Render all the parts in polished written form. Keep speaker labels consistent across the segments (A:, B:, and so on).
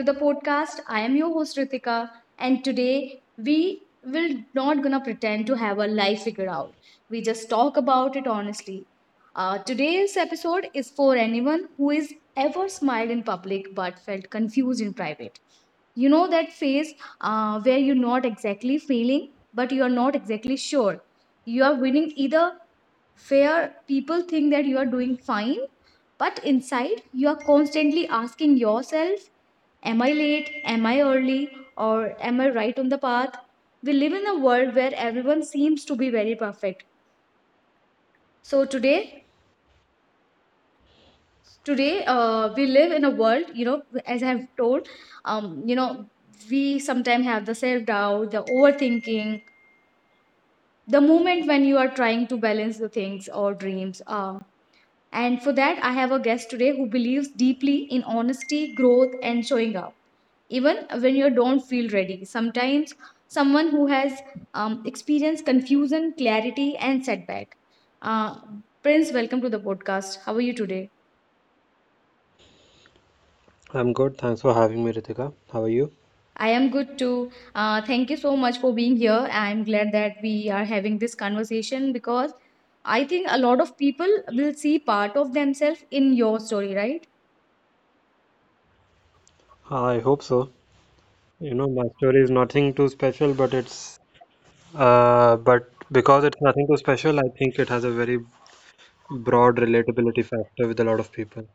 A: To the podcast. I am your host Ritika, and today we will not gonna pretend to have our life figured out. We just talk about it honestly. Today's episode is for anyone who is ever smiled in public but felt confused in private. You know that phase where you're not exactly feeling, but you are not exactly sure. You are winning either where people think that you are doing fine, but inside you are constantly asking yourself, am I late? Am I early? Or am I right on the path? We live in a world where everyone seems to be very perfect. So today, today we live in a world, you know, as I have told, you know, we sometimes have the self doubt, the overthinking, the moment when you are trying to balance the things or dreams. And for that, I have a guest today who believes deeply in honesty, growth, and showing up, even when you don't feel ready. Sometimes, someone who has experienced confusion, clarity, and setback. Uh, Prince, welcome to the podcast. How are you today?
B: I'm good. Thanks for having me, Ritika. How are you?
A: I am good too. Thank you so much for being here. I'm glad that we are having this conversation because I think a lot of people will see part of themselves in your story, right?
B: I hope so. You know, my story is nothing too special, but it's but because it's nothing too special, I think it has a very broad relatability factor with a lot of people.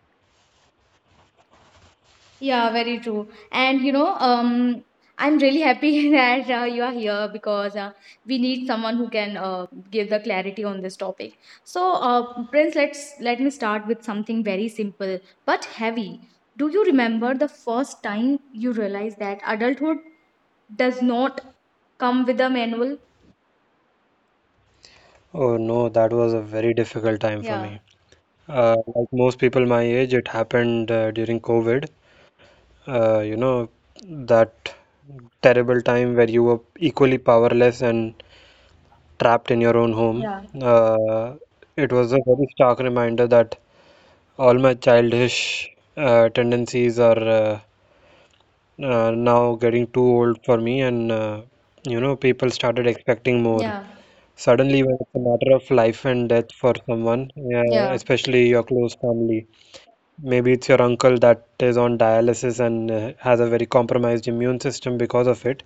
A: Yeah, very true. And you know, I'm really happy that you are here because we need someone who can give the clarity on this topic. So, Prince, let me start with something very simple but heavy. Do you remember the first time you realized that adulthood does not come with a manual?
B: Oh no, that was a very difficult time for
A: Yeah,
B: me. Like most people my age, it happened during COVID. Uh, you know, that terrible time where you were equally powerless and trapped in your own home.
A: yeah,
B: Uh, it was a very stark reminder that all my childish tendencies are now getting too old for me, and people started expecting more.
A: yeah,
B: Suddenly, when it's a matter of life and death for someone,
A: yeah,
B: especially your close family, maybe it's your uncle that is on dialysis and has a very compromised immune system because of it,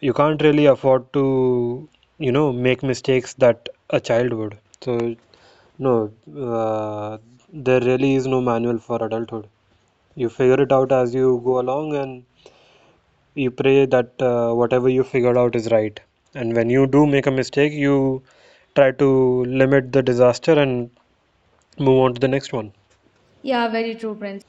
B: you can't really afford to, make mistakes that a child would. So, no, uh, there really is no manual for adulthood. You figure it out as you go along and you pray that whatever you figured out is right. And when you do make a mistake, you try to limit the disaster and move on to the next one.
A: yeah. Very true, Prince.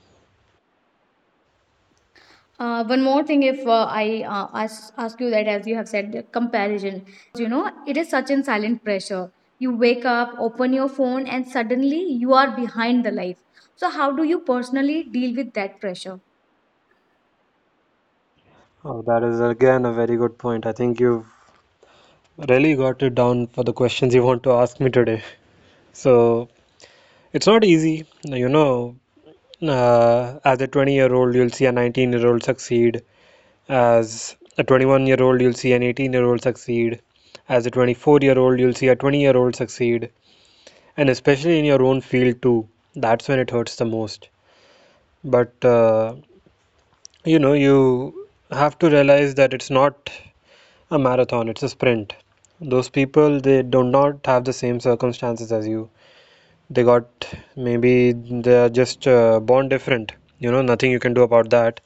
A: One more thing, if I ask you that, as you have said, the comparison, you know it is such an silent pressure. You wake up, open your phone, and suddenly you are behind the life. So, how do you personally deal with that pressure?
B: Oh, that is again a very good point. I think you've really got it down for the questions you want to ask me today. So it's not easy, you know. As a 20-year-old, you'll see a 19-year-old succeed. As a 21-year-old, you'll see an 18-year-old succeed. As a 24-year-old, you'll see a 20-year-old succeed. And especially in your own field, too. That's when it hurts the most. But, you have to realize that it's not a marathon, it's a sprint. Those people, they do not have the same circumstances as you. They got maybe they're just born different. You know, nothing you can do about that.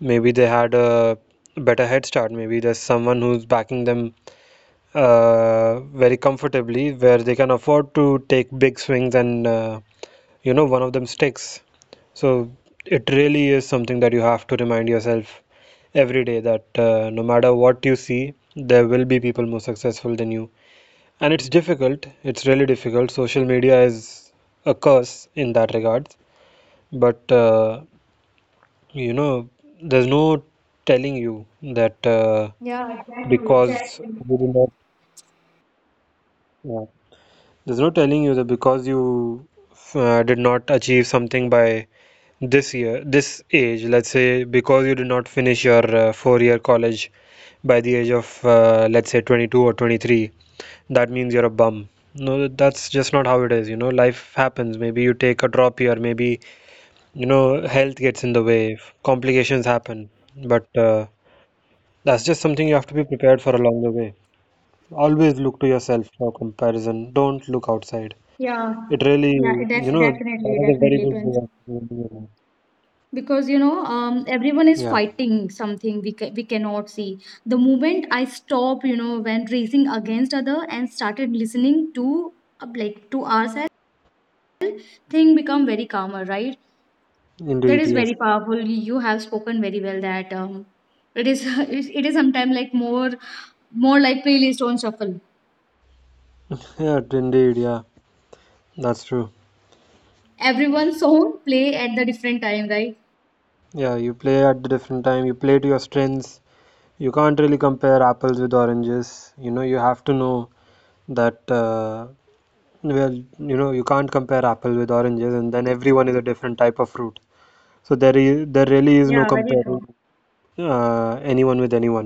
B: Maybe they had a better head start. Maybe there's someone who's backing them very comfortably where they can afford to take big swings and, one of them sticks. So it really is something that you have to remind yourself every day that no matter what you see, there will be people more successful than you. And it's difficult, it's really difficult. Social media is a curse in that regard. But uh, you know, there's no telling you that
A: Yeah, exactly,
B: because
A: exactly.
B: you did not, yeah. There's no telling you that because you did not achieve something by this year, this age, let's say because you did not finish your four-year college by the age of, let's say, 22 or 23, that means you're a bum. No, that's just not how it is. You know, life happens. Maybe you take a drop year, maybe, health gets in the way, complications happen. But that's just something you have to be prepared for along the way. Always look to yourself for comparison. Don't look outside.
A: Yeah,
B: It really,
A: yeah,
B: you know, that
A: definitely,
B: is a very
A: definitely,
B: good
A: Prince.
B: way of doing it.
A: Because you know everyone is
B: Yeah,
A: fighting something we cannot see the moment I stopped, you know, when racing against other and started listening to like to ourselves thing become very calmer, right? That
B: indeed,
A: is
B: yes.
A: very powerful. You have spoken very well that it is it is sometimes like more like playlist on shuffle.
B: Yeah, indeed, yeah. That's true.
A: Everyone's song play at the different time, right?
B: Yeah, you play at the different time, you play to your strengths. You can't really compare apples with oranges. You know, you have to know that, well, you can't compare apple with oranges, and then everyone is a different type of fruit. So there really is no
A: Yeah, very
B: comparing
A: true.
B: anyone with anyone.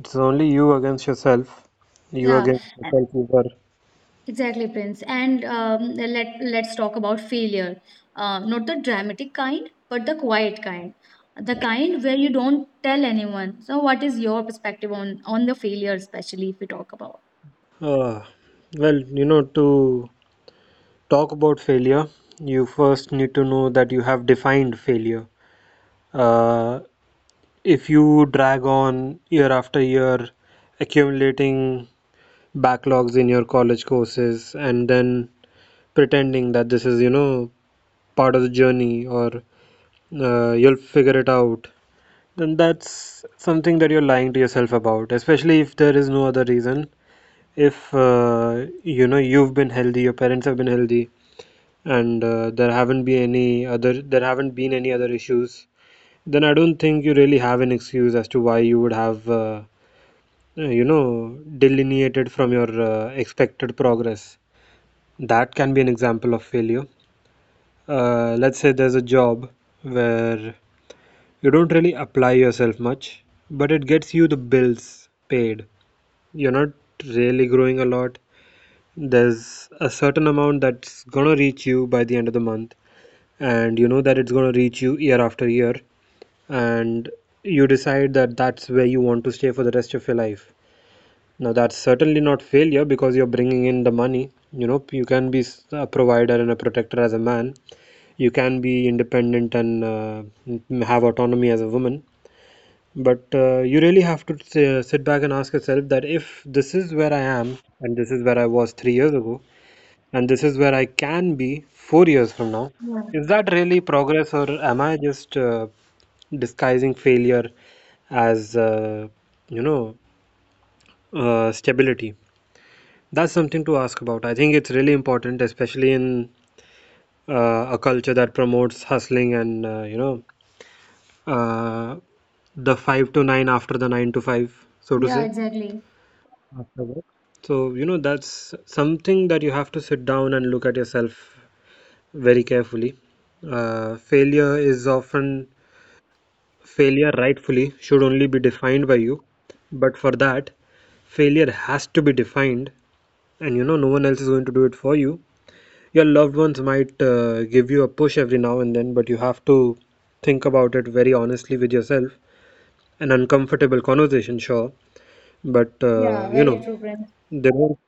B: It's only you against yourself. You
A: Yeah.
B: against yourself, you were.
A: Exactly, Prince. And let's talk about failure. Not the dramatic kind, but the quiet kind, the kind where you don't tell anyone. So, what is your perspective on the failure, especially if we talk about?
B: Uh, well, to talk about failure, you first need to know that you have defined failure. Uh, if you drag on year after year, accumulating backlogs in your college courses, and then pretending that this is, part of the journey or you'll figure it out, then that's something that you're lying to yourself about, especially if there is no other reason. If you've been healthy, your parents have been healthy, and there haven't been any other issues, then I don't think you really have an excuse as to why you would have delineated from your expected progress. That can be an example of failure. Let's say there's a job where you don't really apply yourself much, but it gets you the bills paid. You're not really growing a lot. There's a certain amount that's gonna reach you by the end of the month, and you know that it's gonna reach you year after year, and you decide that that's where you want to stay for the rest of your life. Now, that's certainly not failure because you're bringing in the money. You know, you can be a provider and a protector as a man, you can be independent and have autonomy as a woman but you really have to sit back and ask yourself that if this is where I am, and this is where I was 3 years ago, and this is where I can be 4 years from now,
A: Yeah.
B: is that really progress, or am I just disguising failure as, you know, stability? That's something to ask about. I think it's really important, especially in a culture that promotes hustling and, uh, the 5 to 9 after the 9 to 5, so to
A: Yeah.
B: say.
A: Exactly.
B: So, you know, that's something that you have to sit down and look at yourself very carefully. Uh, failure is often, failure rightfully should only be defined by you. But for that, failure has to be defined, and no one else is going to do it for you. Your loved ones might give you a push every now and then, but you have to think about it very honestly with yourself. An uncomfortable conversation, sure, but
A: Yeah. Very true, Prince.
B: they don't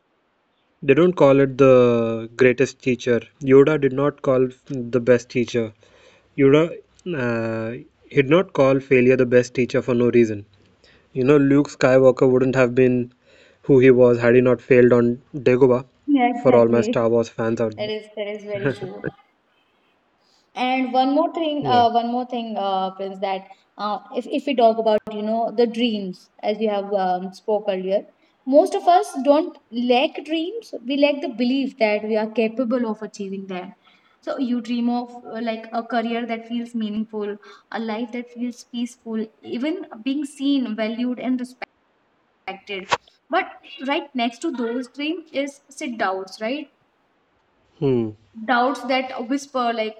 B: they don't call it the greatest teacher. Yoda uh, he did not call failure the best teacher for no reason. You know, Luke Skywalker wouldn't have been who he was had he not failed on Dagobah.
A: Yeah.
B: For all my
A: Exactly.
B: Star Wars fans out
A: That
B: there.
A: is very true. And one more thing,
B: Yeah.
A: Prince, that if we talk about, you know, the dreams, as you have spoke earlier, most of us don't lack dreams. We lack the belief that we are capable of achieving them. So you dream of like a career that feels meaningful, a life that feels peaceful, even being seen, valued, and respected. But right next to those dreams is sit downs, right?
B: Hmm.
A: Doubts that whisper like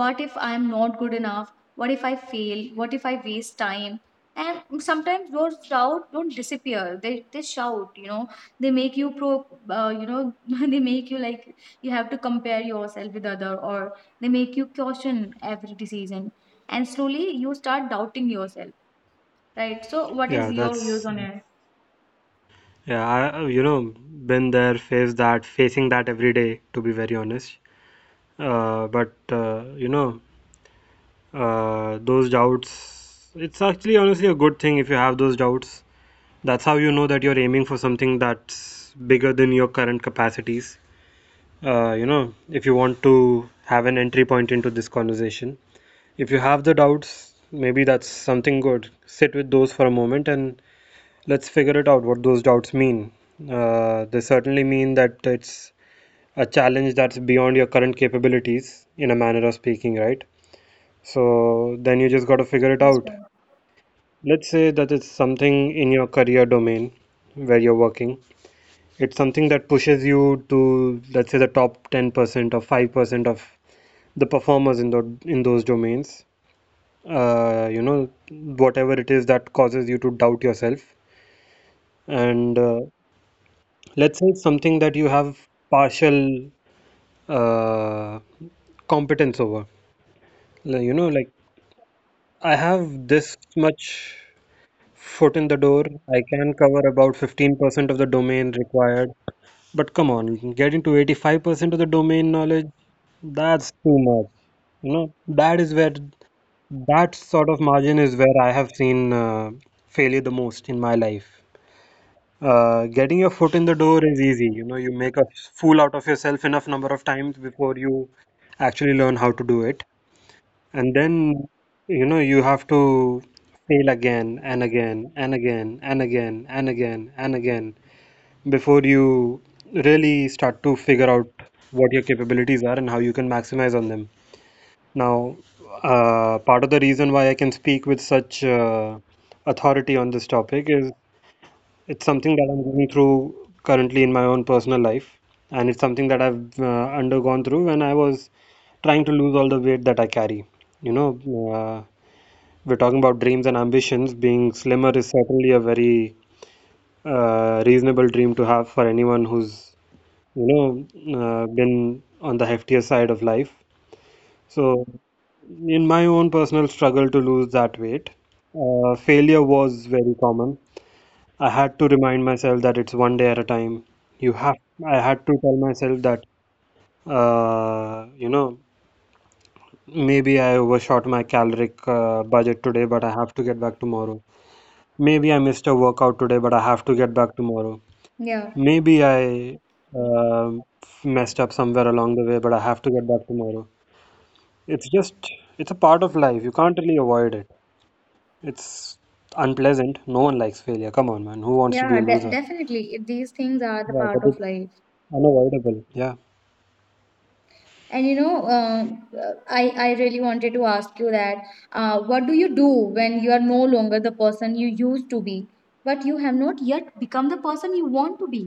A: what if I'm not good enough, what if I fail, what if I waste time? And sometimes those doubts don't disappear, they shout, you know, they make you pro you know they make you like you have to compare yourself with other or they make you question every decision and slowly you start doubting yourself, right? So what is
B: Yeah,
A: your views
B: that's
A: on it?
B: yeah. I been there, faced that, facing that every day. To be very honest, but. Those doubts, it's actually honestly a good thing. If you have those doubts, that's how you know that you're aiming for something that's bigger than your current capacities. If you want to have an entry point into this conversation, if you have the doubts, maybe that's something good. Sit with those for a moment and let's figure it out what those doubts mean. They certainly mean that it's a challenge that's beyond your current capabilities, in a manner of speaking, right? So then you just got to figure it
A: Yes.
B: out. Let's say that it's something in your career domain where you're working. It's something that pushes you to, let's say, the top 10% or 5% of the performers in those domains. Whatever it is that causes you to doubt yourself. And let's say it's something that you have partial uh, competence over. Like I have this much foot in the door. I can cover about 15% of the domain required. But come on, getting to 85% of the domain knowledge, that's too much. You know, that is where that sort of margin is where I have seen failure the most in my life. Getting your foot in the door is easy. You know, you make a fool out of yourself enough number of times before you actually learn how to do it. And then, you have to fail again and again and again and again and again and again before you really start to figure out what your capabilities are and how you can maximize on them. Now, part of the reason why I can speak with such authority on this topic is it's something that I'm going through currently in my own personal life, and it's something that I've undergone through when I was trying to lose all the weight that I carry. You know, uh, we're talking about dreams and ambitions. Being slimmer is certainly a very reasonable dream to have for anyone who's you been on the heftier side of life. So, in my own personal struggle to lose that weight, failure was very common. I had to remind myself that it's one day at a time. You have, I had to tell myself that, uh, you know, maybe I overshot my caloric budget today, but I have to get back tomorrow. Maybe I missed a workout today, but I have to get back tomorrow.
A: Yeah,
B: Maybe I um messed up somewhere along the way, but I have to get back tomorrow. It's just, it's a part of life. You can't really avoid it. It's unpleasant. No one likes failure. Come on, man. Who wants to be
A: yeah,
B: a
A: de
B: loser?
A: definitely. These things are the
B: Yeah, but
A: part of
B: it's
A: life.
B: unavoidable. Yeah.
A: And you know, I really wanted to ask you that what do you do when you are no longer the person you used to be, but you have not yet become the person you want to be?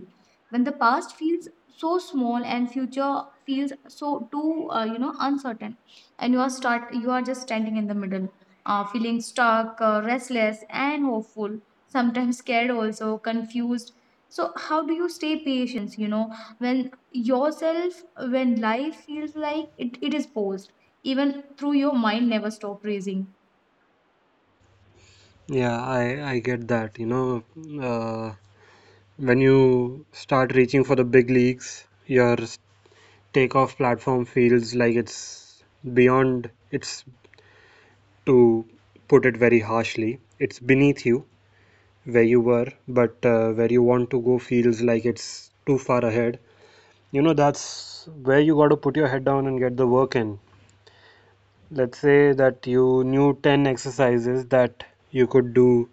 A: When the past feels so small and future feels so too, you know, uncertain, and you are just standing in the middle, feeling stuck, restless, and hopeful. Sometimes scared, also confused. So how do you stay patient? You know, when yourself when life feels like it is paused. Even through your mind never stop racing.
B: Yeah, I get that. You know, uh, when you start reaching for the big leagues, your takeoff platform feels like it's, to put it very harshly, it's beneath you where you were, but where you want to go feels like it's too far ahead. You know, that's where you got to put your head down and get the work in. Let's say that you knew 10 exercises that you could do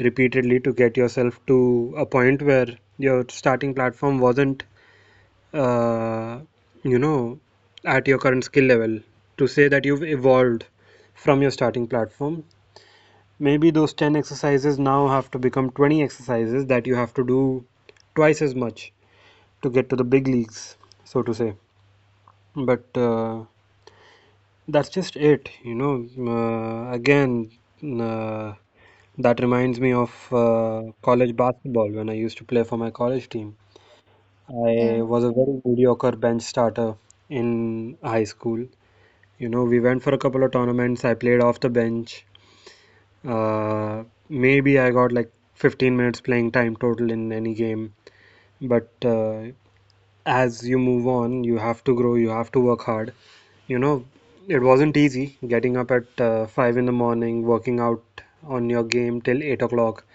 B: repeatedly to get yourself to a point where your starting platform wasn't, uh, you know at your current skill level. To say that you've evolved from your starting platform, maybe those 10 exercises now have to become 20 exercises that you have to do twice as much to get to the big leagues, so to say. But that's just it. Again, uh, that reminds me of college basketball when I used to play for my college team. I
A: Yeah,
B: was a very mediocre bench starter in high school. You know, we went for a couple of tournaments. I played off the bench. Uh, maybe I got like 15 minutes playing time total in any game, but as you move on, you have to grow, you have to work hard. You know, it wasn't easy getting up at 5 in the morning, working out on your game till 8 o'clock,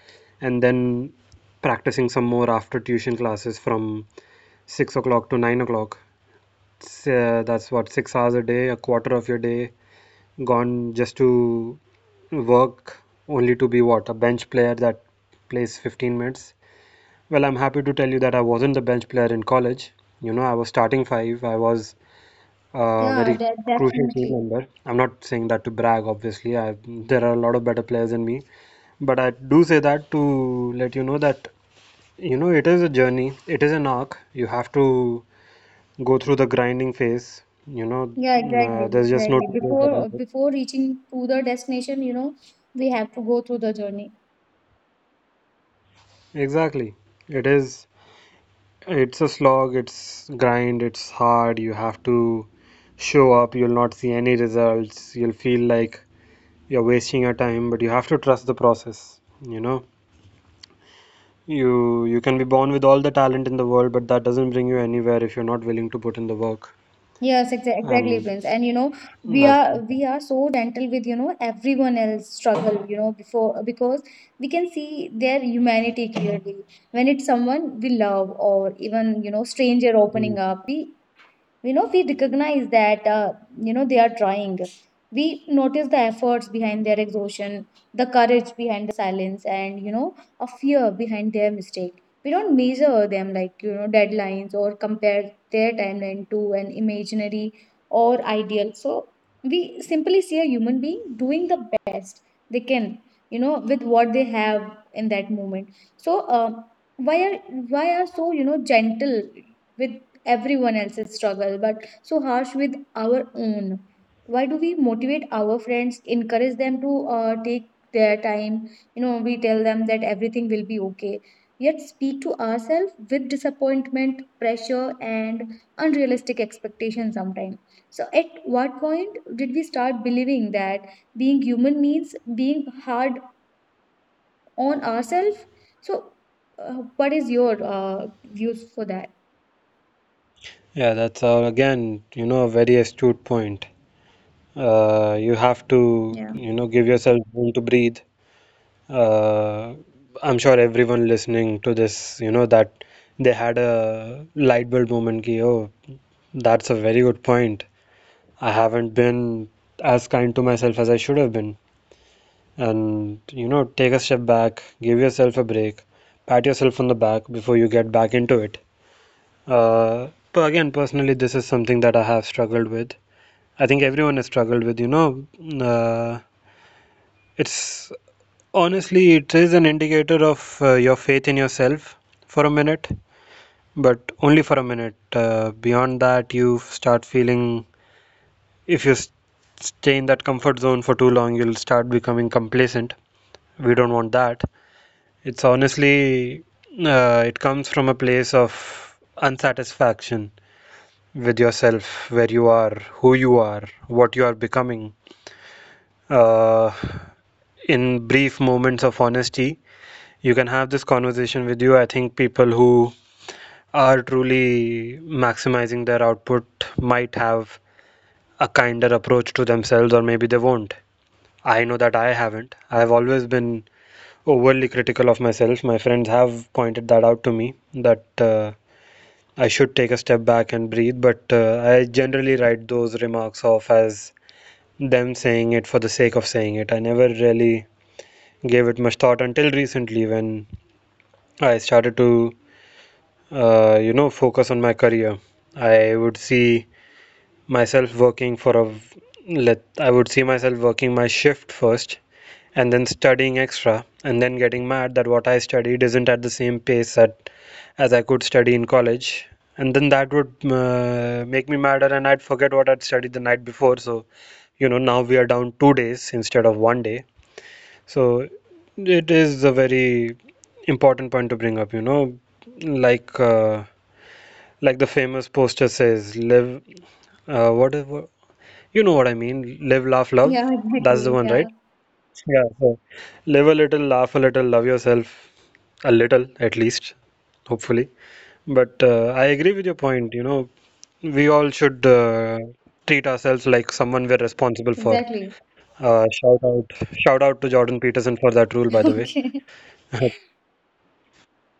B: and then practicing some more after tuition classes from 6 o'clock to 9 o'clock. That's what, 6 hours a day, a quarter of your day gone just to work, only to be what, a bench player that plays 15 minutes. Well, I'm happy to tell you that I wasn't the bench player in college. You know, I was starting five. I was a
A: yeah,
B: very
A: de
B: crucial team
A: definitely.
B: member. I'm not saying that to brag, obviously. There are a lot of better players than me. But I do say that to let you know that, it is a journey, it is an arc. You have to go through the grinding phase. You know,
A: Yeah, exactly,
B: there's just no
A: exactly.
B: two ways
A: Before
B: around
A: before reaching to the destination, you know, we have to go through the journey.
B: it. Exactly. It is. It's a slog, it's grind, it's hard. You have to show up. You'll not see any results. You'll feel like you're wasting your time, but you have to trust the process, you know. You can be born with all the talent in the world, but that doesn't bring you anywhere if you're not willing to put in the work.
A: Yes, exactly,
B: And
A: Prince. And you know, we
B: that's,
A: are we are so gentle with, you know, everyone else struggle, you know, before because we can see their humanity clearly. When it's someone we love or even, you know, stranger opening up, we you know we recognize that you know they are trying, we notice the efforts behind their exhaustion, the courage behind silence, and you know a fear behind their mistake. We don't measure them like you know deadlines or compare their timeline to an imaginary or ideal. So we simply see a human being doing the best they can, you know, with what they have in that moment. So why are why are so, you know, gentle with everyone else's struggle but so harsh with our own? Why do we motivate our friends, encourage them to take their time? You know, we tell them that everything will be okay, yet speak to ourselves with disappointment, pressure, and unrealistic expectations sometimes. So at what point did we start believing that being human means being hard on ourselves? So what is your views for that?
B: yeah, that's, again, a very astute point. You have to,
A: Yeah.
B: give yourself room to breathe. Uh, I'm sure everyone listening to this, that they had a light bulb moment ki, oh, that's a very good point. I haven't been as kind to myself as I should have been. And, take a step back, give yourself a break, pat yourself on the back before you get back into it. Uh, but again, personally, this is something that I have struggled with. I think everyone has struggled with, you know, uh, it's Honestly, it is an indicator of your faith in yourself for a minute, but only for a minute. Beyond that, you start feeling if you stay in that comfort zone for too long, you'll start becoming complacent. We don't want that. It's honestly, it comes from a place of unsatisfaction with yourself, where you are, who you are, what you are becoming. Uh, in brief moments of honesty, you can have this conversation with you. I think people who are truly maximizing their output might have a kinder approach to themselves, or maybe they won't. I know that I haven't. I've always been overly critical of myself. My friends have pointed that out to me that I should take a step back and breathe, but I generally write those remarks off as them saying it for the sake of saying it. I never really gave it much thought until recently when I started to focus on my career. I would see myself working for a I would see myself working my shift first and then studying extra and then getting mad that what I studied isn't at the same pace that as I could study in college. And then that would make me madder and I'd forget what I'd studied the night before. So, now we are down 2 days instead of one day. So it is a very important point to bring up, like uh, like the famous poster says, live, what, what, you know what I mean? Live, laugh,
A: Yeah,
B: love. That's the
A: exactly.
B: one, right?
A: Yeah,
B: Yeah. So live a little, laugh a little, love yourself a little at least, hopefully. But I agree with your point. You know, we all should treat ourselves like someone we're responsible for.
A: exactly.
B: Shout out, shout out to Jordan Peterson for that rule, by the way.
A: Okay.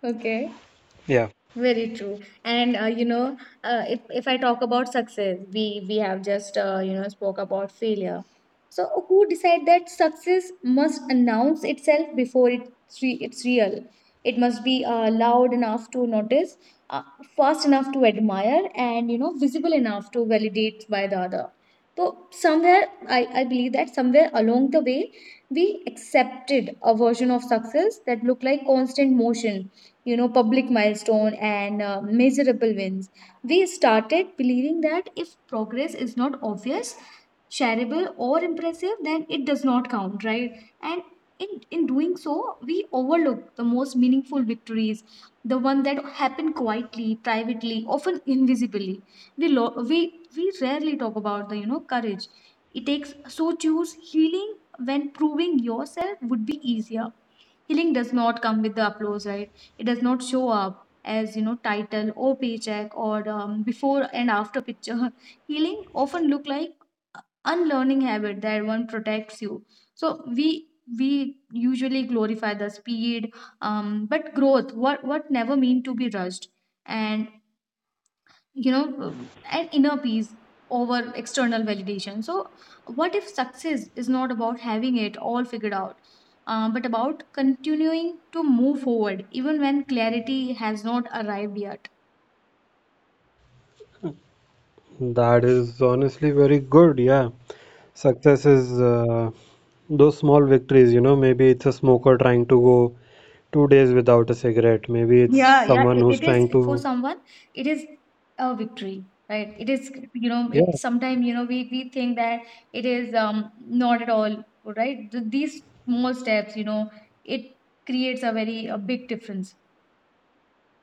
A: Okay.
B: Yeah.
A: Very true. And you know, if I talk about success, we have just, you know, spoke about failure. So who decide that success must announce itself before it's real? It must be loud enough to notice, uh, fast enough to admire, and you know visible enough to validate by the other. So somewhere I believe that somewhere along the way we accepted a version of success that looked like constant motion, you know, public milestone, and measurable wins. We started believing that if progress is not obvious, shareable, or impressive, then it does not count, right? And in doing so we overlook the most meaningful victories, the one that happen quietly, privately, often invisibly. we lo- we we rarely talk about the, you know, courage it takes so choose healing when proving yourself would be easier. Healing does not come with the applause, right? It does not show up as, you know, title or paycheck or before and after picture. Healing often look like unlearning habit that one protects you. So we usually glorify the speed, but growth what never mean to be rushed and you know an inner peace over external validation. So what if success is not about having it all figured out, but about continuing to move forward even when clarity has not arrived yet?
B: That is honestly very good. Yeah. Success is those small victories. Maybe it's a smoker trying to go 2 days without a cigarette. Maybe it's
A: Yeah. Yeah,
B: someone
A: it,
B: who's
A: it is
B: trying
A: for
B: to.
A: someone it is a victory, right? It is, you know,
B: Yeah.
A: it sometimes, you know, we think that it is not at all right. These small steps, you know, it creates a very a big difference.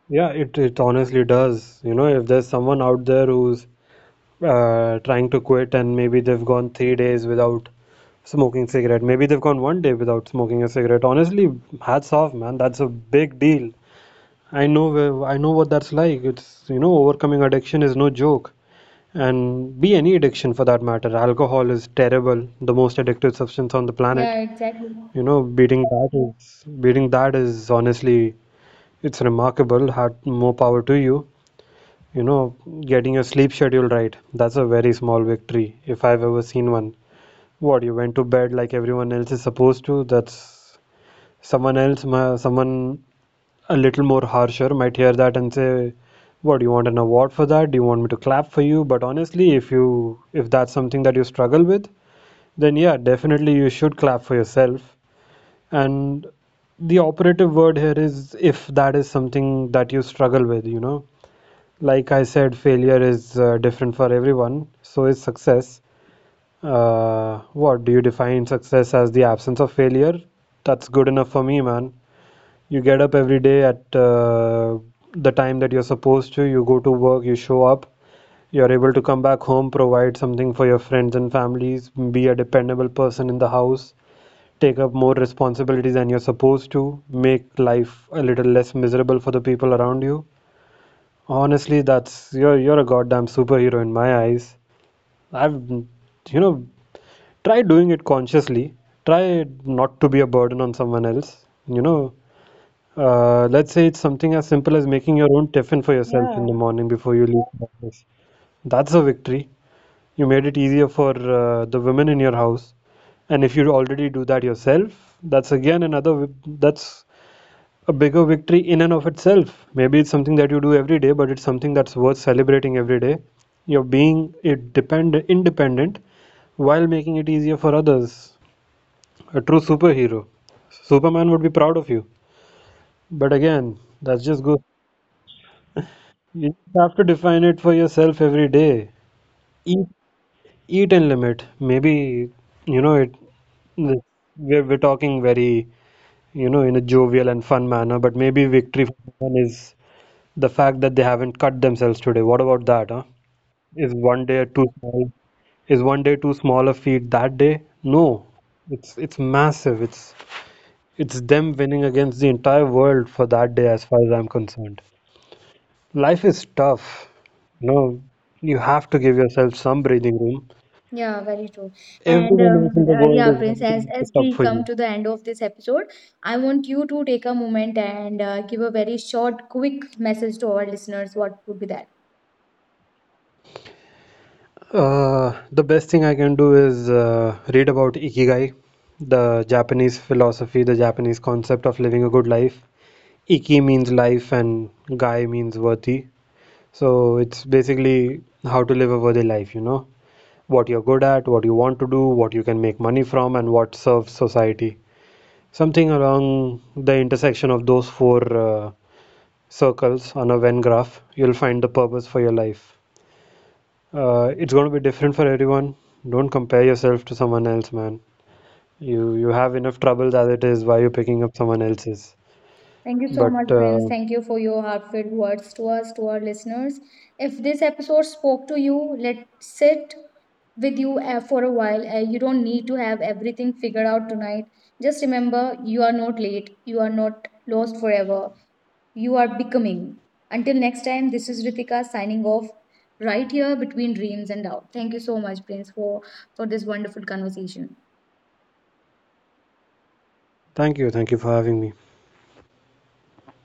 B: Yeah. It honestly does. You know, if there's someone out there who's trying to quit and maybe they've gone 3 days without smoking cigarette, maybe they've gone one day without smoking a cigarette. Honestly, hats off, man. That's a big deal. I know what that's like. It's you know overcoming addiction is no joke, and be any addiction for that matter. Alcohol is terrible, the most addictive substance on the planet.
A: Yeah, exactly.
B: You know, beating that is honestly, it's remarkable. Had more power to you. You know, getting your sleep schedule right, that's a very small victory if I've ever seen one. What, you went to bed like everyone else is supposed to? That's someone else, someone a little more harsher might hear that and say, what do you want, an award for that? Do you want me to clap for you? But honestly, if that's something that you struggle with, then yeah, definitely you should clap for yourself. And the operative word here is if that is something that you struggle with, like I said, failure is different for everyone. So is success. What do you define success as? The absence of failure? That's good enough for me, man. You get up every day at the time that you're supposed to, you go to work, you show up, you're able to come back home, provide something for your friends and families, be a dependable person in the house, take up more responsibilities than you're supposed to, make life a little less miserable for the people around you. Honestly, that's you're a goddamn superhero in my eyes. I've you know try doing it consciously. Try not to be a burden on someone else. You know, let's say it's something as simple as making your own tiffin for yourself in the
A: Yeah.
B: morning before you leave for office. That's a victory. You made it easier for the women in your house. And if you already do that yourself, that's again another, that's a bigger victory in and of itself. Maybe it's something that you do every day, but it's something that's worth celebrating every day. You're being it depend independent while making it easier for others. A true superhero. Superman would be proud of you. But again, that's just good. You just have to define it for yourself every day. Eat, eat and limit. Maybe, it. We're talking very, in a jovial and fun manner, but maybe victory for someone is the fact that they haven't cut themselves today. What about that, huh? Is one day too small? Is one day too small a feat that day? No. It's massive. It's them winning against the entire world for that day, as far as I'm concerned. Life is tough. No, you have to give yourself some breathing room.
A: Yeah, very true. And
B: Everyone else in the world
A: yeah,
B: is
A: Prince,
B: ready to make it
A: as
B: tough
A: we
B: for
A: come
B: you.
A: to the end of this episode, I want you to take a moment and give a very short, quick message to our listeners. What would be that?
B: The best thing I can do is read about Ikigai, the Japanese philosophy, the Japanese concept of living a good life. Iki means life and gai means worthy. So it's basically how to live a worthy life, you know? What you're good at, what you want to do, what you can make money from, and what serves society. Something along the intersection of those four circles on a Venn graph, you'll find the purpose for your life. It's going to be different for everyone. Don't compare yourself to someone else, man. You have enough trouble as it is. Why are you picking up someone else's?
A: Thank you so much,
B: But
A: Prince. Thank you for your heartfelt words to us, to our listeners. If this episode spoke to you, let sit with you for a while. You don't need to have everything figured out tonight. Just remember, you are not late. You are not lost, forever you are becoming. Until next time, this is Ritika signing off right here between dreams and doubt. Thank you so much, Prince, for this wonderful conversation.
B: thank you for having me.